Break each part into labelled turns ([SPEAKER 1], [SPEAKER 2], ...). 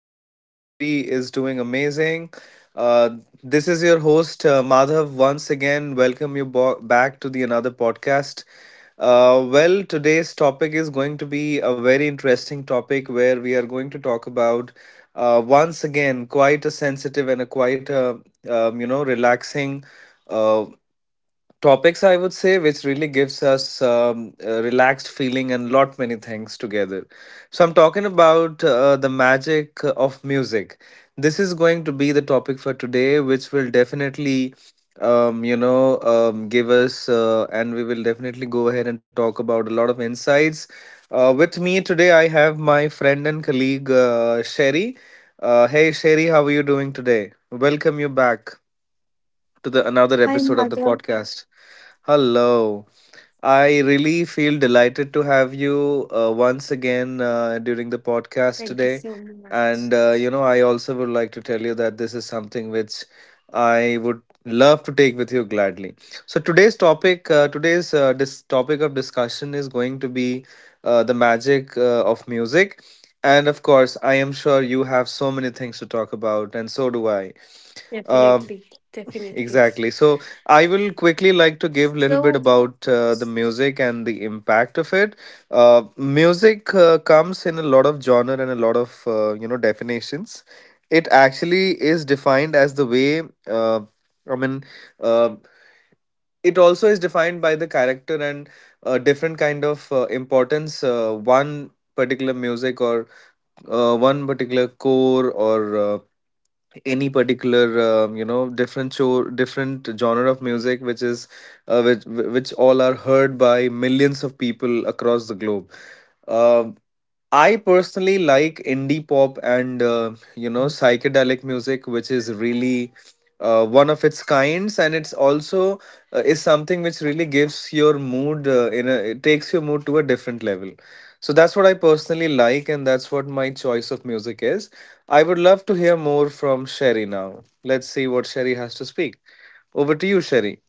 [SPEAKER 1] I hope everybody is doing amazing. Uh, this is your host, Madhav, once again. Welcome you back to the another podcast. Well, today's topic is going to be a very interesting topic where we are going to talk about, once again, quite a sensitive and a quite a, relaxing uh, topics I would say which really gives us a relaxed feeling and lot many things together. So I'm talking about the magic of music. This is going to be the topic for today, which will definitely give us and we will definitely go ahead and talk about a lot of insights. With me today, I have my friend and colleague, Sherry. Hey, Sherry, how are you doing today? Welcome you back to the another
[SPEAKER 2] Hi,
[SPEAKER 1] episode of the
[SPEAKER 2] Madhav.
[SPEAKER 1] podcast. Hello. I really feel delighted to have you once again during the podcast
[SPEAKER 2] Thank you
[SPEAKER 1] today.
[SPEAKER 2] so much.
[SPEAKER 1] And I also would like to tell you that this is something which I would love to take with you gladly. So today's topic, today's this topic of discussion is going to be the magic of music. And of course, I am sure you have so many things to talk about, and so do I. Um
[SPEAKER 2] Definitely, definitely.
[SPEAKER 1] Exactly. So I will quickly like to give a little bit
[SPEAKER 2] So,
[SPEAKER 1] about the music and the impact of it. Music comes in a lot of genre and a lot of definitions. It actually is defined as the way uh, I mean, uh, it also is defined by the character and different kind of importance, one particular music or one particular core or any particular different show different genre of music which is which all are heard by millions of people across the globe. um, I personally like indie pop and psychedelic music, which is really one of its kinds, and it's also is something which really gives your mood in a it takes your mood to a different level. So that's what I personally like, and that's what my choice of music is. I would love to hear more from Sherry now. Let's see what Sherry has to speak. Over to you, Sherry.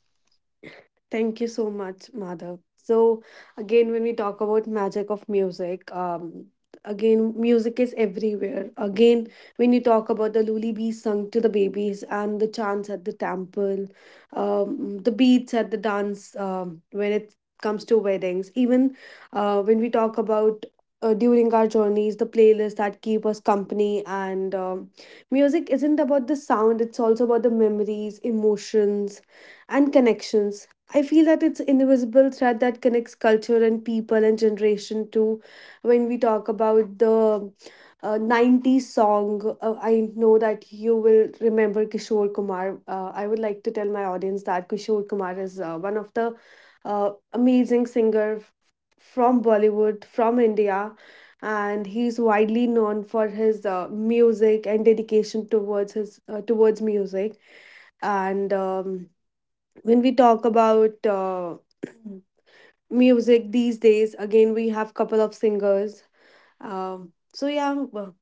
[SPEAKER 2] thank you so much, Madhav. So again, when we talk about magic of music, again music is everywhere. Again, when you talk about the lullabies sung to the babies and the chants at the temple, the beats at the dance, when it comes to weddings, even when we talk about during our journeys, the playlists that keep us company, and music isn't about the sound; it's also about the memories, emotions, and connections. I feel that it's invisible thread that connects culture and people and generation too. When we talk about the 90s song, I know that you will remember Kishore Kumar. I would like to tell my audience that Kishore Kumar is one of the amazing singer from Bollywood, from India. And he's widely known for his music and dedication towards his towards music, and when we talk about music these days, again we have couple of singers, so yeah,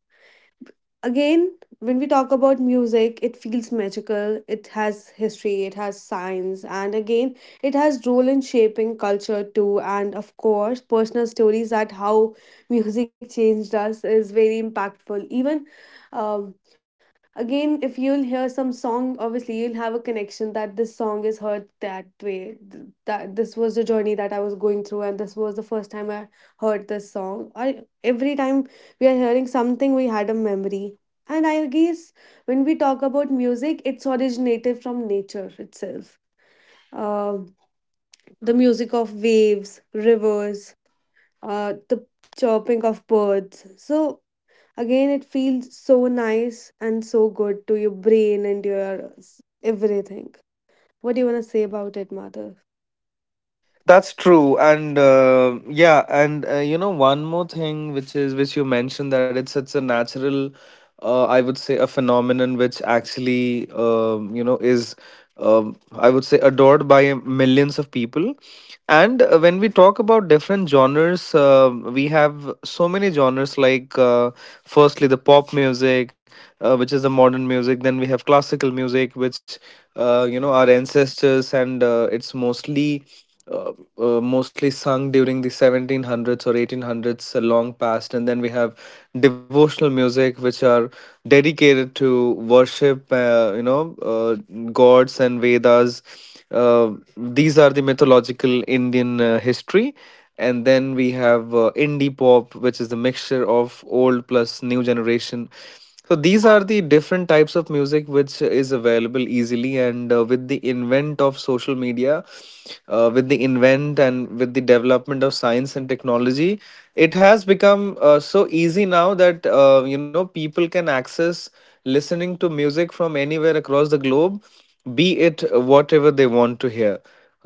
[SPEAKER 2] again when we talk about music it feels magical, it has history, it has science, and again it has role in shaping culture too, and of course personal stories at how music changed us is very impactful. Even um, again if you'll hear some song, obviously you'll have a connection that this song is heard that way, that this was the journey that I was going through, and this was the first time I heard this song. Every time we are hearing something we had a memory, and I guess when we talk about music, it's originated from nature itself. uh, the music of waves, rivers, the chirping of birds. So again, it feels so nice and so good to your brain and your everything. What do you want to say about it, Madhav?
[SPEAKER 1] That's true, and yeah, and one more thing, which you mentioned, that it's such a natural, I would say, a phenomenon which actually, is, I would say, adored by millions of people. And when we talk about different genres, we have so many genres like, firstly, the pop music, which is the modern music. Then we have classical music, which, our ancestors, and it's uh, mostly sung during the 1700s or 1800s, long past. And then we have devotional music which are dedicated to worship, gods and Vedas. These are the mythological Indian history. And then we have indie pop, which is the mixture of old plus new generation. So these are the different types of music which is available easily, and with the invent of social media, with the invent and with the development of science and technology, it has become so easy now that people can access listening to music from anywhere across the globe, be it whatever they want to hear.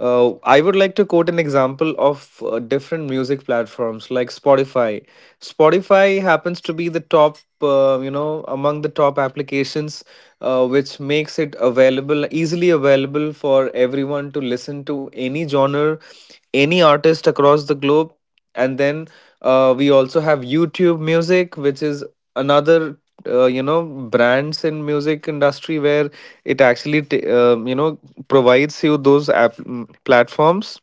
[SPEAKER 1] I would like to quote an example of different music platforms like Spotify. Spotify happens to be the top, among the top applications, which makes it available, easily available for everyone to listen to any genre, any artist across the globe. And then we also have YouTube Music, which is another, brands in music industry where it actually, provides you those platforms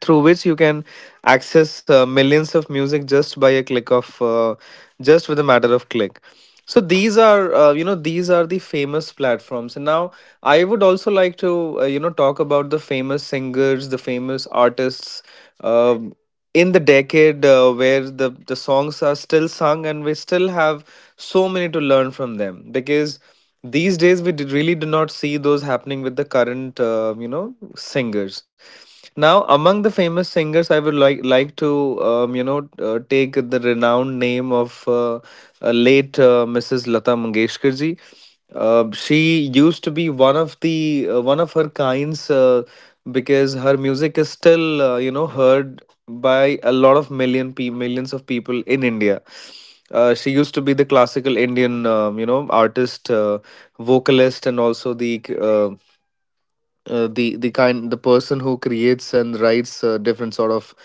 [SPEAKER 1] through which you can access millions of music just by a click of just with a matter of click. So these
[SPEAKER 2] Yes.
[SPEAKER 1] are these are the famous platforms. And now, I would also like to talk about the famous singers, the famous artists, um in the decade where the songs are still sung and we still have so many to learn from them, because these days we did, really do not see those happening with the current singers. Now, among the famous singers, I would like to take the renowned name of late, Mrs. Lata Mangeshkar ji. She used to be one of the one of her kinds, because her music is still heard by a lot of millions of people in India. She used to be the classical Indian, artist, vocalist, and also the kind, the person who creates and writes different sort of,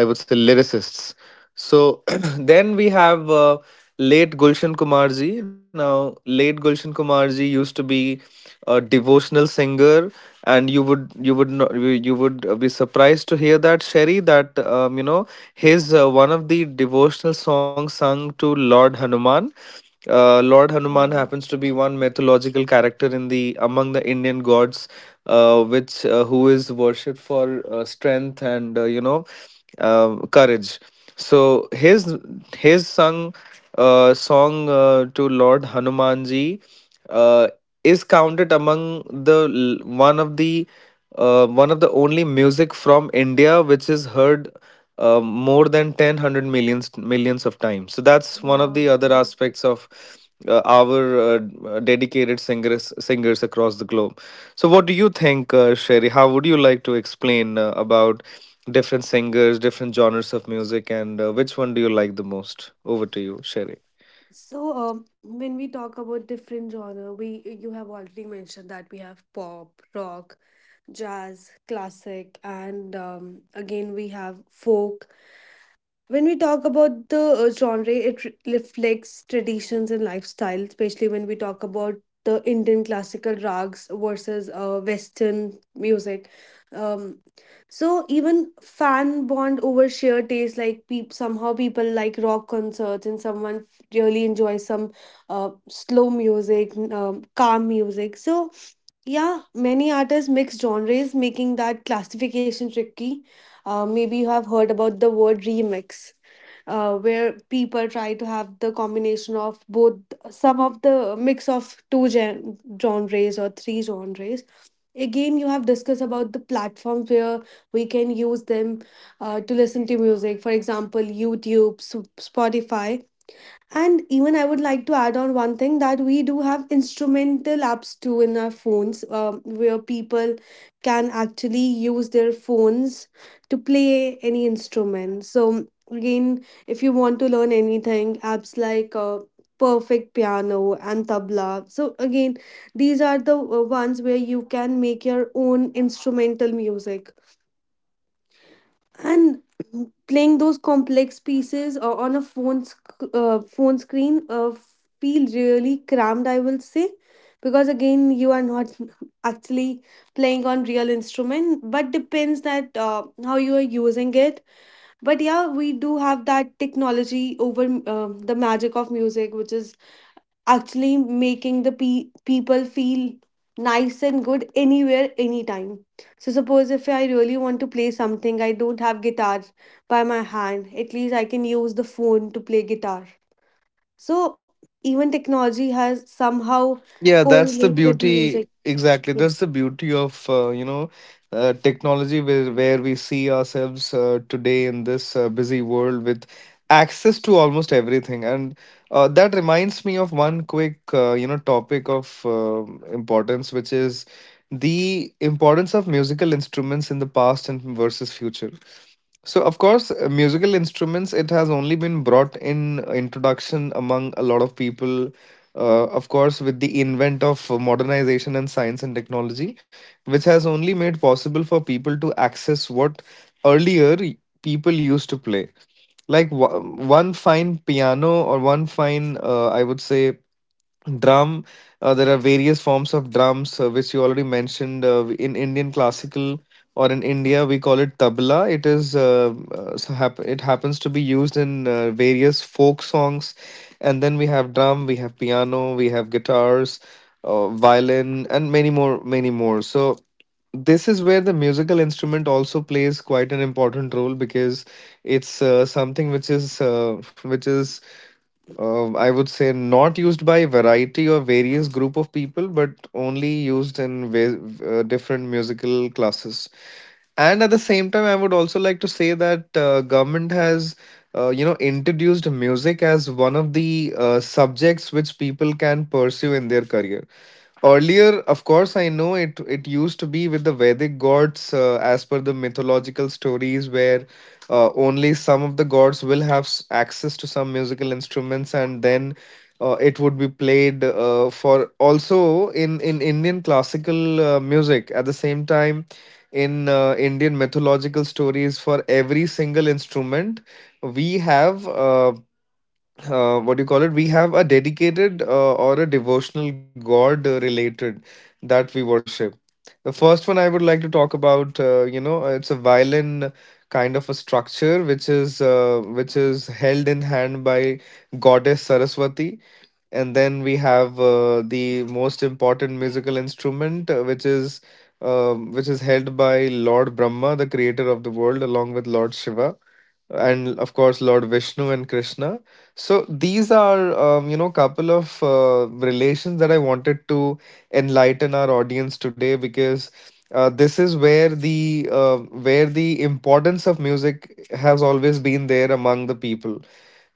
[SPEAKER 1] I would say, lyricists. So then we have late Gulshan Kumarji. Now, late Gulshan Kumarji used to be a devotional singer, and you would not, you would be surprised to hear that, Sherry, that his one of the devotional songs sung to Lord Hanuman. Lord Hanuman
[SPEAKER 2] Uh,
[SPEAKER 1] happens to be one mythological character in the among the Indian gods, which who is worshipped for strength and courage. So his sung song to Lord Hanumanji uh, is counted among one of the only music from India which is heard more than 10 hundred millions of times. So that's one of
[SPEAKER 2] wow.
[SPEAKER 1] the other aspects of our dedicated singers across the globe. So what do you think, Sherry? How would you like to explain about different singers, different genres of music, and which one do you like the most? Over to you, Sherry.
[SPEAKER 2] So, when we talk about different genre, we you have already mentioned that we have pop, rock, jazz, classic, and again we have folk. When we talk about the genre, it reflects traditions and lifestyle, especially when we talk about the Indian classical rags versus Western music. Um, so even fan bond over sheer taste, like somehow people like rock concerts and someone really enjoys some slow music, calm music. So yeah, many artists mix genres, making that classification tricky. Maybe you have heard about the word remix, where people try to have the combination of both, some of the mix of two genres or three genres. Again, you have discussed about the platforms where we can use them to listen to music. For example, YouTube, Spotify. And even I would like to add on one thing that we do have instrumental apps too in our phones, where people can actually use their phones to play any instrument. So again, if you want to learn anything, apps like Perfect Piano and Tabla. So again, these are the ones where you can make your own instrumental music, and playing those complex pieces on a phone screen feel really cramped, I will say, because again you are not actually playing on real instrument, but depends that how you are using it. But yeah, we do have that technology over the magic of music, which is actually making the people feel nice and good anywhere anytime. So suppose if I really want to play something, I don't have guitar by my hand; at least I can use the phone to play guitar. So even technology has somehow
[SPEAKER 1] Yeah, that's the
[SPEAKER 2] correlate with
[SPEAKER 1] beauty.
[SPEAKER 2] music.
[SPEAKER 1] Exactly, that's
[SPEAKER 2] Yes.
[SPEAKER 1] the beauty of technology, where we see ourselves today in this busy world with access to almost everything. And that reminds me of one quick topic of importance, which is the importance of musical instruments in the past and versus future. So, of course, musical instruments, it has only been brought in introduction among a lot of people. Of course, with the invent of modernization and science and technology, which has only made possible for people to access what earlier people used to play. Like one fine piano or one fine, I would say, drum. There are various forms of drums, which you already mentioned. In Indian classical or in India, we call it tabla. It happens to be used in various folk songs, and then we have drum, we have piano, we have guitars, violin, and many more, many more. So this is where the musical instrument also plays quite an important role because it's something which is, I would say, not used by variety or various group of people, but only used in different musical classes. And at the same time, I would also like to say that government has, introduced music as one of the subjects which people can pursue in their career. Earlier, of course, I know it. It used to be with the Vedic gods, as per the mythological stories, where only some of the gods will have access to some musical instruments, and then it would be played for. Also, in Indian classical music, at the same time, in Indian mythological stories, for every single instrument, we have. What do you call it? We have a dedicated or a devotional god related that we worship. The first one I would like to talk about, it's a violin kind of a structure which is held in hand by Goddess Saraswati, and then we have the most important musical instrument, which is held by Lord Brahma, the creator of the world, along with Lord Shiva, and of course Lord Vishnu and Krishna. So these are couple of relations that I wanted to enlighten our audience today, because this is where the importance of music has always been there among the people,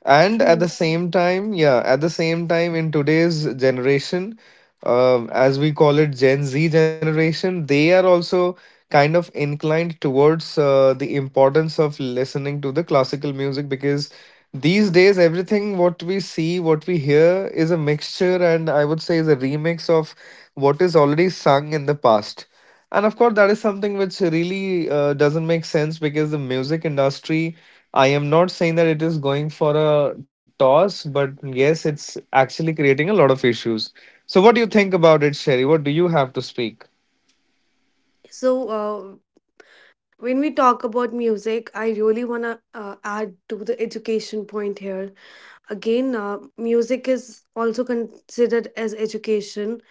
[SPEAKER 1] and at the
[SPEAKER 2] True.
[SPEAKER 1] same time, yeah, at the same time in today's generation, as we call it, Gen Z generation, they are also kind of inclined towards the importance of listening to the classical music, because these days everything what we see, what we hear is a mixture, and I would say is a remix of what is already sung in the past. And of course, that is something which really doesn't make sense, because the music industry, I am not saying that it is going for a toss, but yes, it's actually creating a lot of issues. So, what do you think about it, Sherry? What do you have to speak?
[SPEAKER 2] So when we talk about music I really want to add to the education point here. Again, music is also considered as education,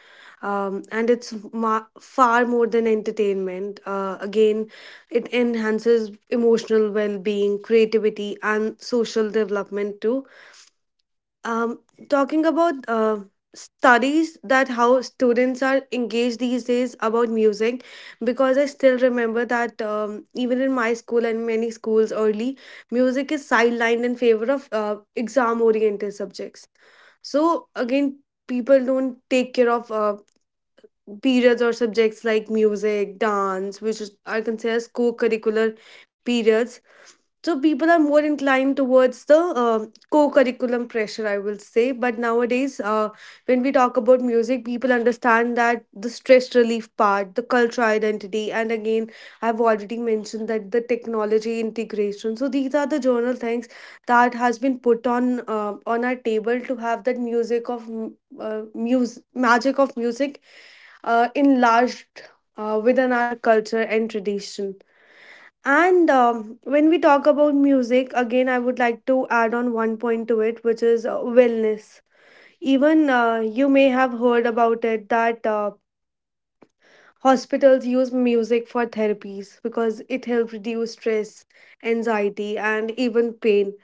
[SPEAKER 2] and it's far more than entertainment. Again, it enhances emotional well being, creativity, and social development too. um, talking about studies that how students are engaged these days about music, because I still remember that even in my school and many schools early, music is sidelined in favor of exam-oriented subjects. So again, people don't take care of periods or subjects like music, dance, which is, are considered co-curricular periods. So people are more inclined towards the co-curriculum pressure, I will say. But nowadays, when we talk about music, people understand that the stress relief part, the cultural identity, and again, I've already mentioned that the technology integration. So these are the journal things that has been put on our table to have that music magic of music enlarged within our culture and tradition. And when we talk about music, again, I would like to add on one point to it, which is wellness. Even you may have heard about it that hospitals use music for therapies because it helps reduce stress, anxiety, and even pain.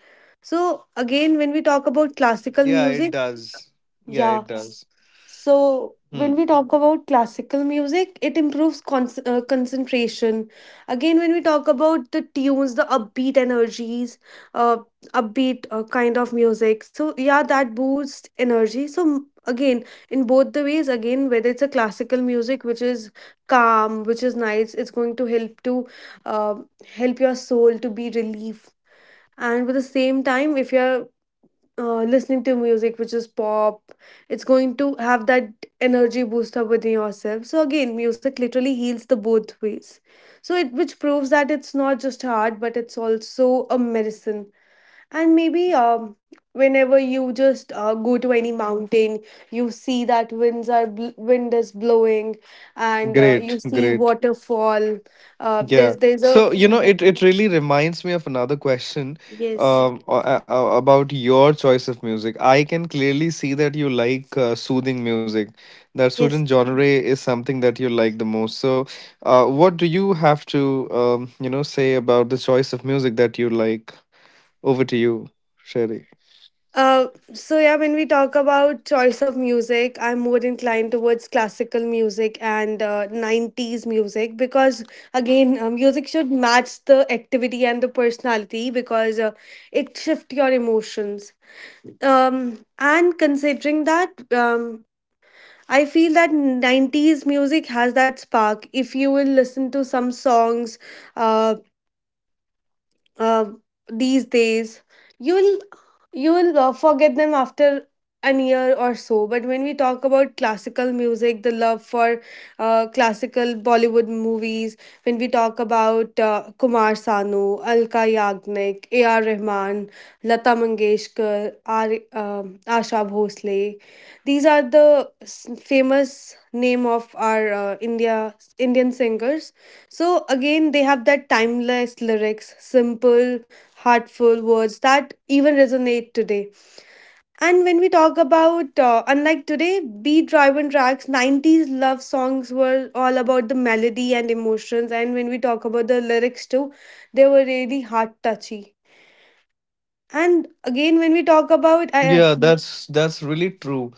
[SPEAKER 2] So, again, when we talk about classical
[SPEAKER 1] Yeah, it
[SPEAKER 2] music,
[SPEAKER 1] does. Yeah,
[SPEAKER 2] yeah.
[SPEAKER 1] it does.
[SPEAKER 2] So when we
[SPEAKER 1] Hmm.
[SPEAKER 2] talk about classical music, it improves concentration. Again, when we talk about the tunes, the upbeat energies, uh, upbeat kind of music. So yeah, that boosts energy. So again, in both the ways, again, whether it's a classical music which is calm, which is nice, it's going to uh, help your soul to be relieved. And with the same time, if you're listening to music which is pop, it's going to have that energy boost up within yourself. So again music literally heals the both ways, so it which proves that it's not just art but it's also a medicine. And maybe whenever you just go to any mountain, you see that wind is blowing, and
[SPEAKER 1] Great,
[SPEAKER 2] you see
[SPEAKER 1] great.
[SPEAKER 2] waterfall. uh,
[SPEAKER 1] Yeah.
[SPEAKER 2] there's there's a...
[SPEAKER 1] So, it really reminds me of another question,
[SPEAKER 2] Yes.
[SPEAKER 1] about your choice of music. I can clearly see that you like soothing music. That soothing
[SPEAKER 2] Yes.
[SPEAKER 1] genre is something that you like the most. So, what do you have to, say about the choice of music that you like? Over to you, Sherry.
[SPEAKER 2] Uh, so yeah, when we talk about choice of music, I'm more inclined towards classical music and 90s music, because again, music should match the activity and the personality, because it shifts your emotions. And considering that, I feel that 90s music has that spark. If you will listen to some songs, uh, uh, these days you will, forget them after an year or so. But when we talk about classical music, the love for classical Bollywood movies, when we talk about Kumar Sanu, Alka Yagnik, A.R. Rahman, Lata Mangeshkar R, Asha Bhosle, these are the famous name of our Indian singers. So again, they have that timeless lyrics, simple, heartful words that even resonate today. And when we talk about, unlike today, beat driven tracks, 90s love songs were all about the melody and emotions. And when we talk about the lyrics too, they were really heart touchy. And again, when we talk about,
[SPEAKER 1] Yeah, that's really true.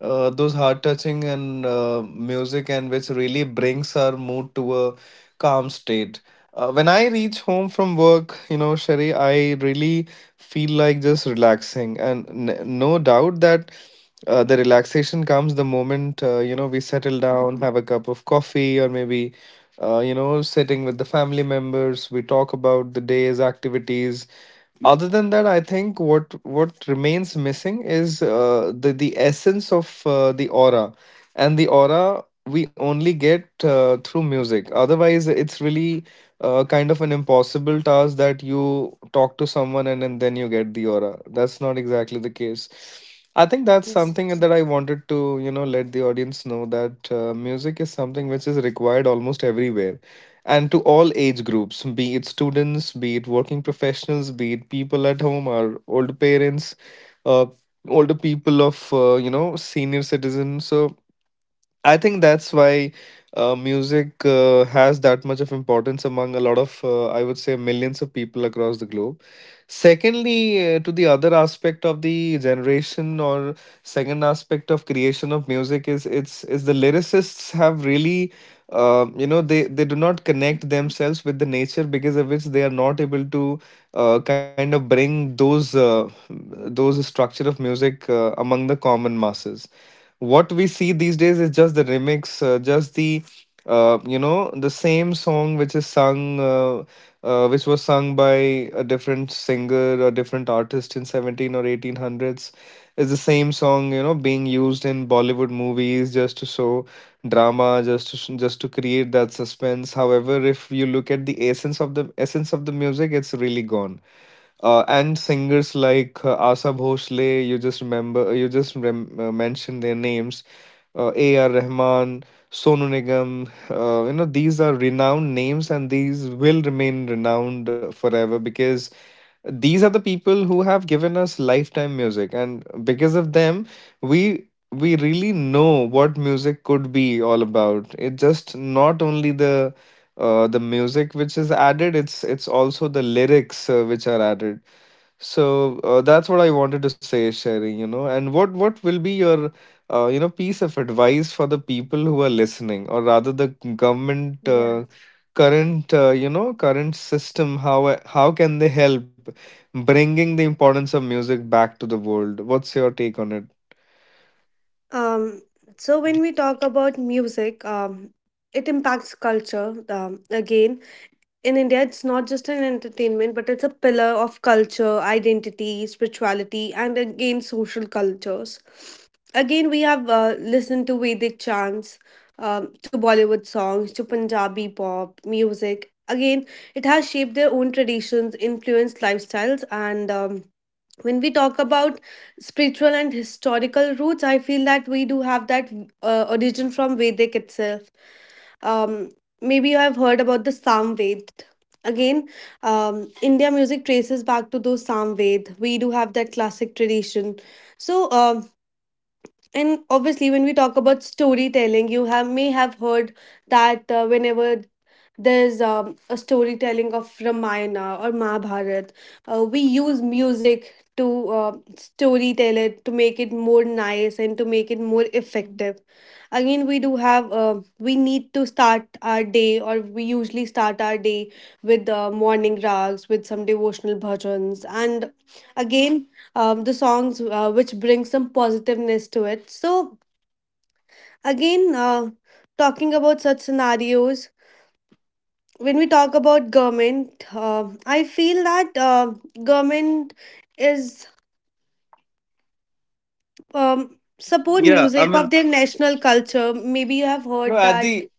[SPEAKER 1] Those heart-touching and music and which really brings our mood to a calm state. When I reach home from work, Sherry, I really feel like just relaxing, and n no doubt that the relaxation comes the moment we settle down, have a cup of coffee, or maybe sitting with the family members. We talk about the day's activities. Other than that, I think what remains missing is the essence of the aura, and the aura we only get through music. Otherwise, it's really kind of an impossible task that you talk to someone, and then you get the aura. That's not exactly the case. I think that's something
[SPEAKER 2] yes,
[SPEAKER 1] that I wanted to, let the audience know that music is something which is required almost everywhere, and to all age groups, be it students, be it working professionals, be it people at home or older parents, uh, older people of, senior citizens. So I think that's why music has that much of importance among a lot of, I would say, millions of people across the globe. Secondly, to the other aspect of the generation, or second aspect of creation of music, is the lyricists have really, they do not connect themselves with the nature, because of which they are not able to kind of bring those structure of music among the common masses. What we see these days is just the remix, just the you know the same song which was sung by a different singer or different artist in seventeen or eighteen hundreds, is the same song being used in Bollywood movies just to show drama, just to, just to create that suspense. However, if you look at the essence of the music, it's really gone, and singers like Asa Bhosle, you just remember, you just rem- mentioned their names, A.R. Rahman, Sonu Nigam, these are renowned names, and these will remain renowned forever, because these are the people who have given us lifetime music, and because of them we really know what music could be all about. It's just not only the music which is added, it's also the lyrics which are added. So that's what I wanted to say, Sherry, and what will be your piece of advice for the people who are listening, or rather the government,
[SPEAKER 2] yeah.
[SPEAKER 1] current current system? How can they help bringing the importance of music back to the world? What's your take on it?
[SPEAKER 2] Um, so when we talk about music, it impacts culture. Again, in India, it's not just an entertainment, but it's a pillar of culture, identity, spirituality, and again, social cultures. Again, we have listened to Vedic chants, to Bollywood songs, to Punjabi pop music. Again, it has shaped their own traditions, influenced lifestyles, and when we talk about spiritual and historical roots, I feel that we do have that origin from Vedic itself. um, maybe you have heard about the Samved. Again, India music traces back to those Samved. We do have that classic tradition. So and obviously when we talk about storytelling, you have may have heard that whenever there's a storytelling of Ramayana or Mahabharat, we use music to storytell it to make it more nice and to make it more effective. Again we do have we need to start our day, or we usually start our day with morning rags with some devotional bhajans, and again the songs which bring some positiveness to it. So, again, talking about such scenarios, when we talk about government, I feel that government is support
[SPEAKER 1] Yeah, I
[SPEAKER 2] music of
[SPEAKER 1] mean,
[SPEAKER 2] their national culture. Maybe you have
[SPEAKER 1] no,
[SPEAKER 2] heard
[SPEAKER 1] at
[SPEAKER 2] that.
[SPEAKER 1] the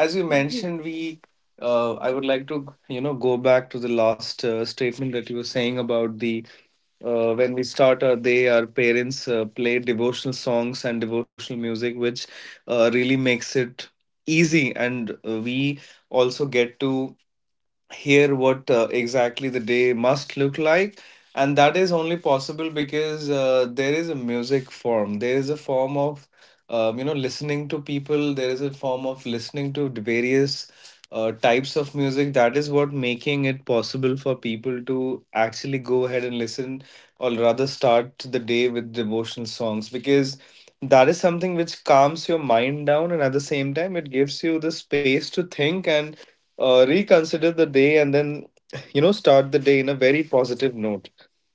[SPEAKER 1] as you mentioned, we I would like to go back to the last statement that you were saying about the when we start our day, our parents play devotional songs and devotional music, which really makes it easy. And we also get to hear what exactly the day must look like, and that is only possible because there is a music form, there is a form of listening to people, there is a form of listening to the various types of music. That is what making it possible for people to actually go ahead and listen, or rather start the day with devotional songs, because that is something which calms your mind down, and at the same time it gives you the space to think and reconsider the day, and then start the day in a very positive note.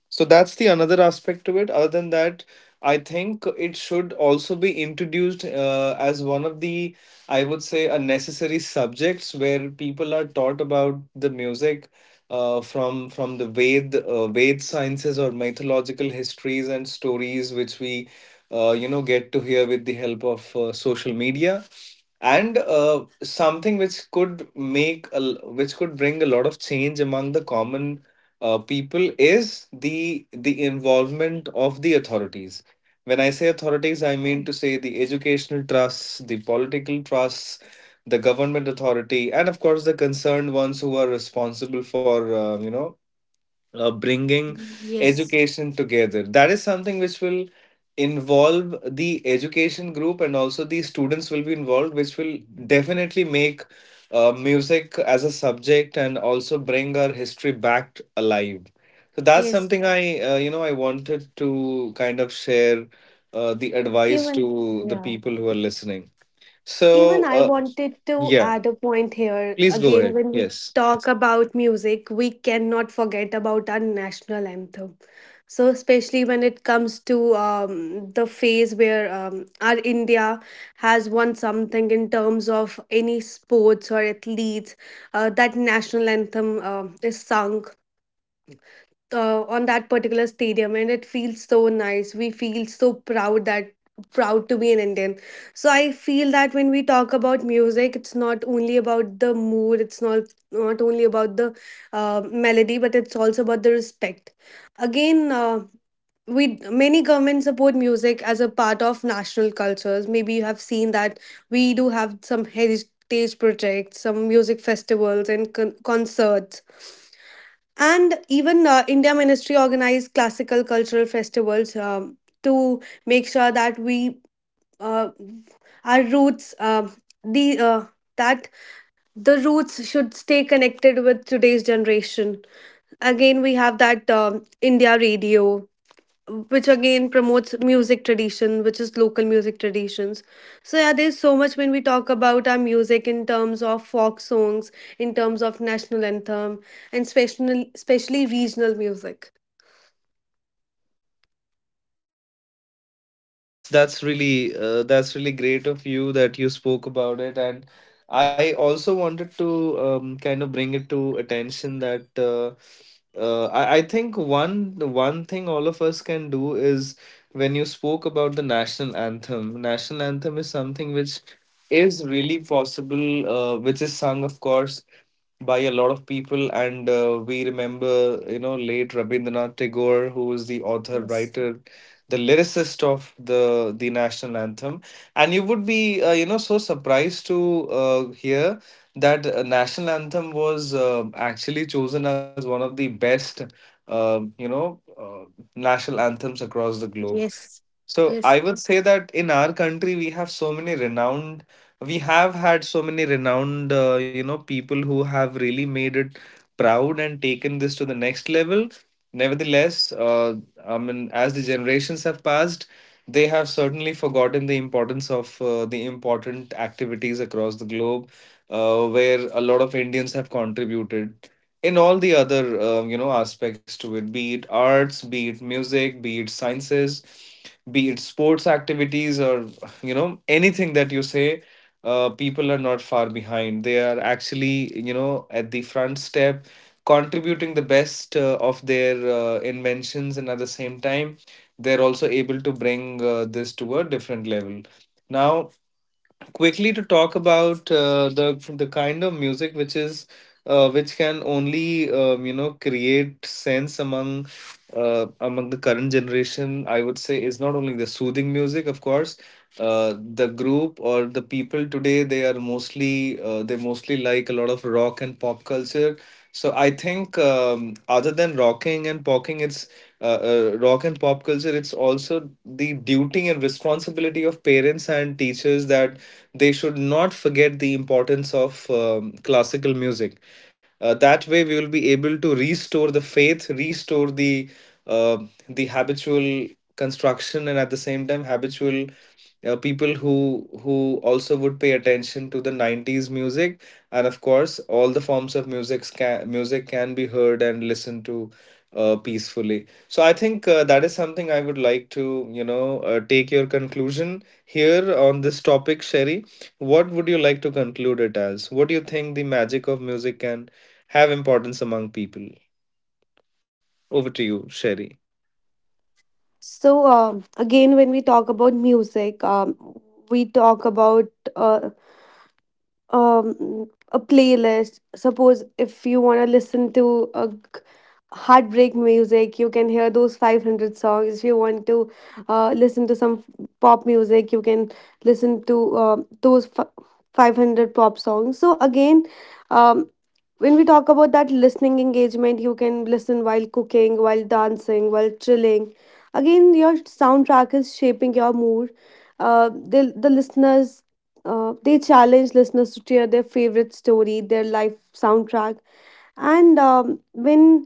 [SPEAKER 1] So that's the another aspect to it. Other than that, I think it should also be introduced as one of the, I would say, a necessary subjects, where people are taught about the music from the Ved sciences or mythological histories and stories, which we get to hear with the help of social media. And something which could which could bring a lot of change among the common people is the involvement of the authorities. When I say authorities, I mean to say the educational trusts, the political trusts, the government authority, and of course the concerned ones who are responsible for bringing
[SPEAKER 2] Yes,
[SPEAKER 1] education together. That is something which will involve the education group, and also the students will be involved, which will definitely make music as a subject and also bring our history back alive. So that's
[SPEAKER 2] yes.
[SPEAKER 1] something I wanted to kind of share the
[SPEAKER 2] Even
[SPEAKER 1] advice to the
[SPEAKER 2] yeah.
[SPEAKER 1] people who are listening.
[SPEAKER 2] Even
[SPEAKER 1] So,
[SPEAKER 2] I wanted to
[SPEAKER 1] yeah,
[SPEAKER 2] add a point here.
[SPEAKER 1] please go
[SPEAKER 2] Again,
[SPEAKER 1] ahead.
[SPEAKER 2] when we
[SPEAKER 1] Yes.
[SPEAKER 2] talk about music, we cannot forget about our national anthem. So, especially when it comes to the phase where our India has won something in terms of any sports or athletes, that national anthem is sung on that particular stadium, and it feels so nice. We feel so proud that proud to be an Indian. So, I feel that when we talk about music, it's not only about the mood, it's not, not only about the melody, but it's also about the respect. Again. We many governments support music as a part of national cultures. Maybe you have seen that we do have some heritage projects, some music festivals and concerts. And even India ministry organized classical cultural festivals to make sure that we, uh, our roots the that the roots should stay connected with today's generation. Again we have that India radio, which again promotes music tradition, which is local music traditions. So yeah there's so much when we talk about our music in terms of folk songs, in terms of national anthem, and special, especially regional music.
[SPEAKER 1] Yeah, that's really great of you that you spoke about it, and I also wanted to kind of bring it to attention that I think one the one thing all of us can do is when you spoke about the national anthem. National anthem is something which is really possible, which is sung, of course, by a lot of people, and we remember late Rabindranath Tagore, who is the author
[SPEAKER 2] Yes,
[SPEAKER 1] writer, the lyricist of the national anthem, and you would be so surprised to hear that national anthem was actually chosen as one of the best um you know uh, national anthems across the globe.
[SPEAKER 2] yes, yes.
[SPEAKER 1] So I would say that in our country we have had so many renowned people who have really made it proud and taken this to the next level. Nevertheless, I mean, as the generations have passed, they have certainly forgotten the importance of the important activities across the globe, where a lot of Indians have contributed in all the other aspects to it, be it arts, be it music, be it sciences, be it sports activities, or anything that you say. People are not far behind, they are actually at the front step, contributing the best of their inventions, and at the same time they're also able to bring this to a different level. Now, quickly to talk about the kind of music which is which can only create sense among among the current generation, I would say, is not only the soothing music. Of course, the group or the people today, they mostly like a lot of rock and pop culture. So I think other than rocking and popping, it's uh, rock and pop culture. It's also the duty and responsibility of parents and teachers that they should not forget the importance of classical music. That way, we will be able to restore the faith, restore uh, the habitual construction, and at the same time, habitual people who also would pay attention to the 90s music, and of course all the forms of music can, music can be heard and listened to peacefully. So I think that is something I would like to take your conclusion here on this topic, Sherry. What would you like to conclude it as? What do you think the magic of music can have importance among people? Over to you, Sherry.
[SPEAKER 2] So again when we talk about music, we talk about uh, um a playlist. Suppose if you want to listen to a g- heartbreak music, you can hear those 500 songs. If you want to listen to some pop music, you can listen to those 500 pop songs. So again um when we talk about that listening engagement, you can listen while cooking, while dancing, while chilling. Again your soundtrack is shaping your mood. The listeners, they challenge listeners to share their favorite story, their life soundtrack, and when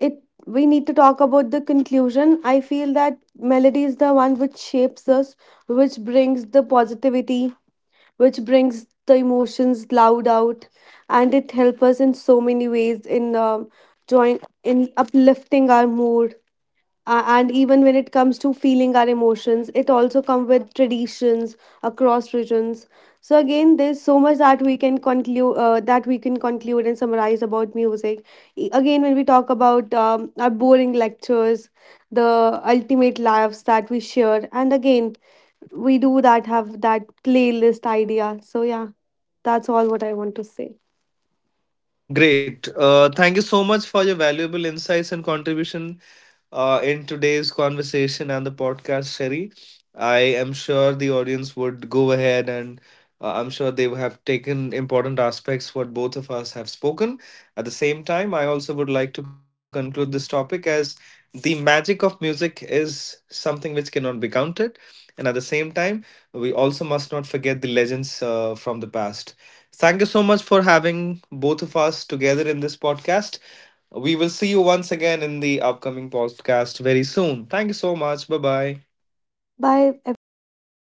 [SPEAKER 2] it we need to talk about the conclusion. I feel that melody is the one which shapes us, which brings the positivity, which brings the emotions loud out, and it helps us in so many ways in join in uplifting our mood, and even when it comes to feeling our emotions it also comes with traditions across regions. So again there's so much that we can conclude, and summarize about music. Again when we talk about our boring lectures, the ultimate lives that we share, and again we do that have that playlist idea. So yeah, that's all what I want to say.
[SPEAKER 1] Great. Thank you so much for your valuable insights and contribution in today's conversation and the podcast, Sherry. I am sure the audience would go ahead and I'm sure they would have taken important aspects what both of us have spoken. At the same time, I also would like to conclude this topic as, the magic of music is something which cannot be counted. And at the same time, we also must not forget the legends from the past. Thank you so much for having both of us together in this podcast. We will see you once again in the upcoming podcast very soon. Thank you so much. Bye bye.
[SPEAKER 2] Bye everyone, bye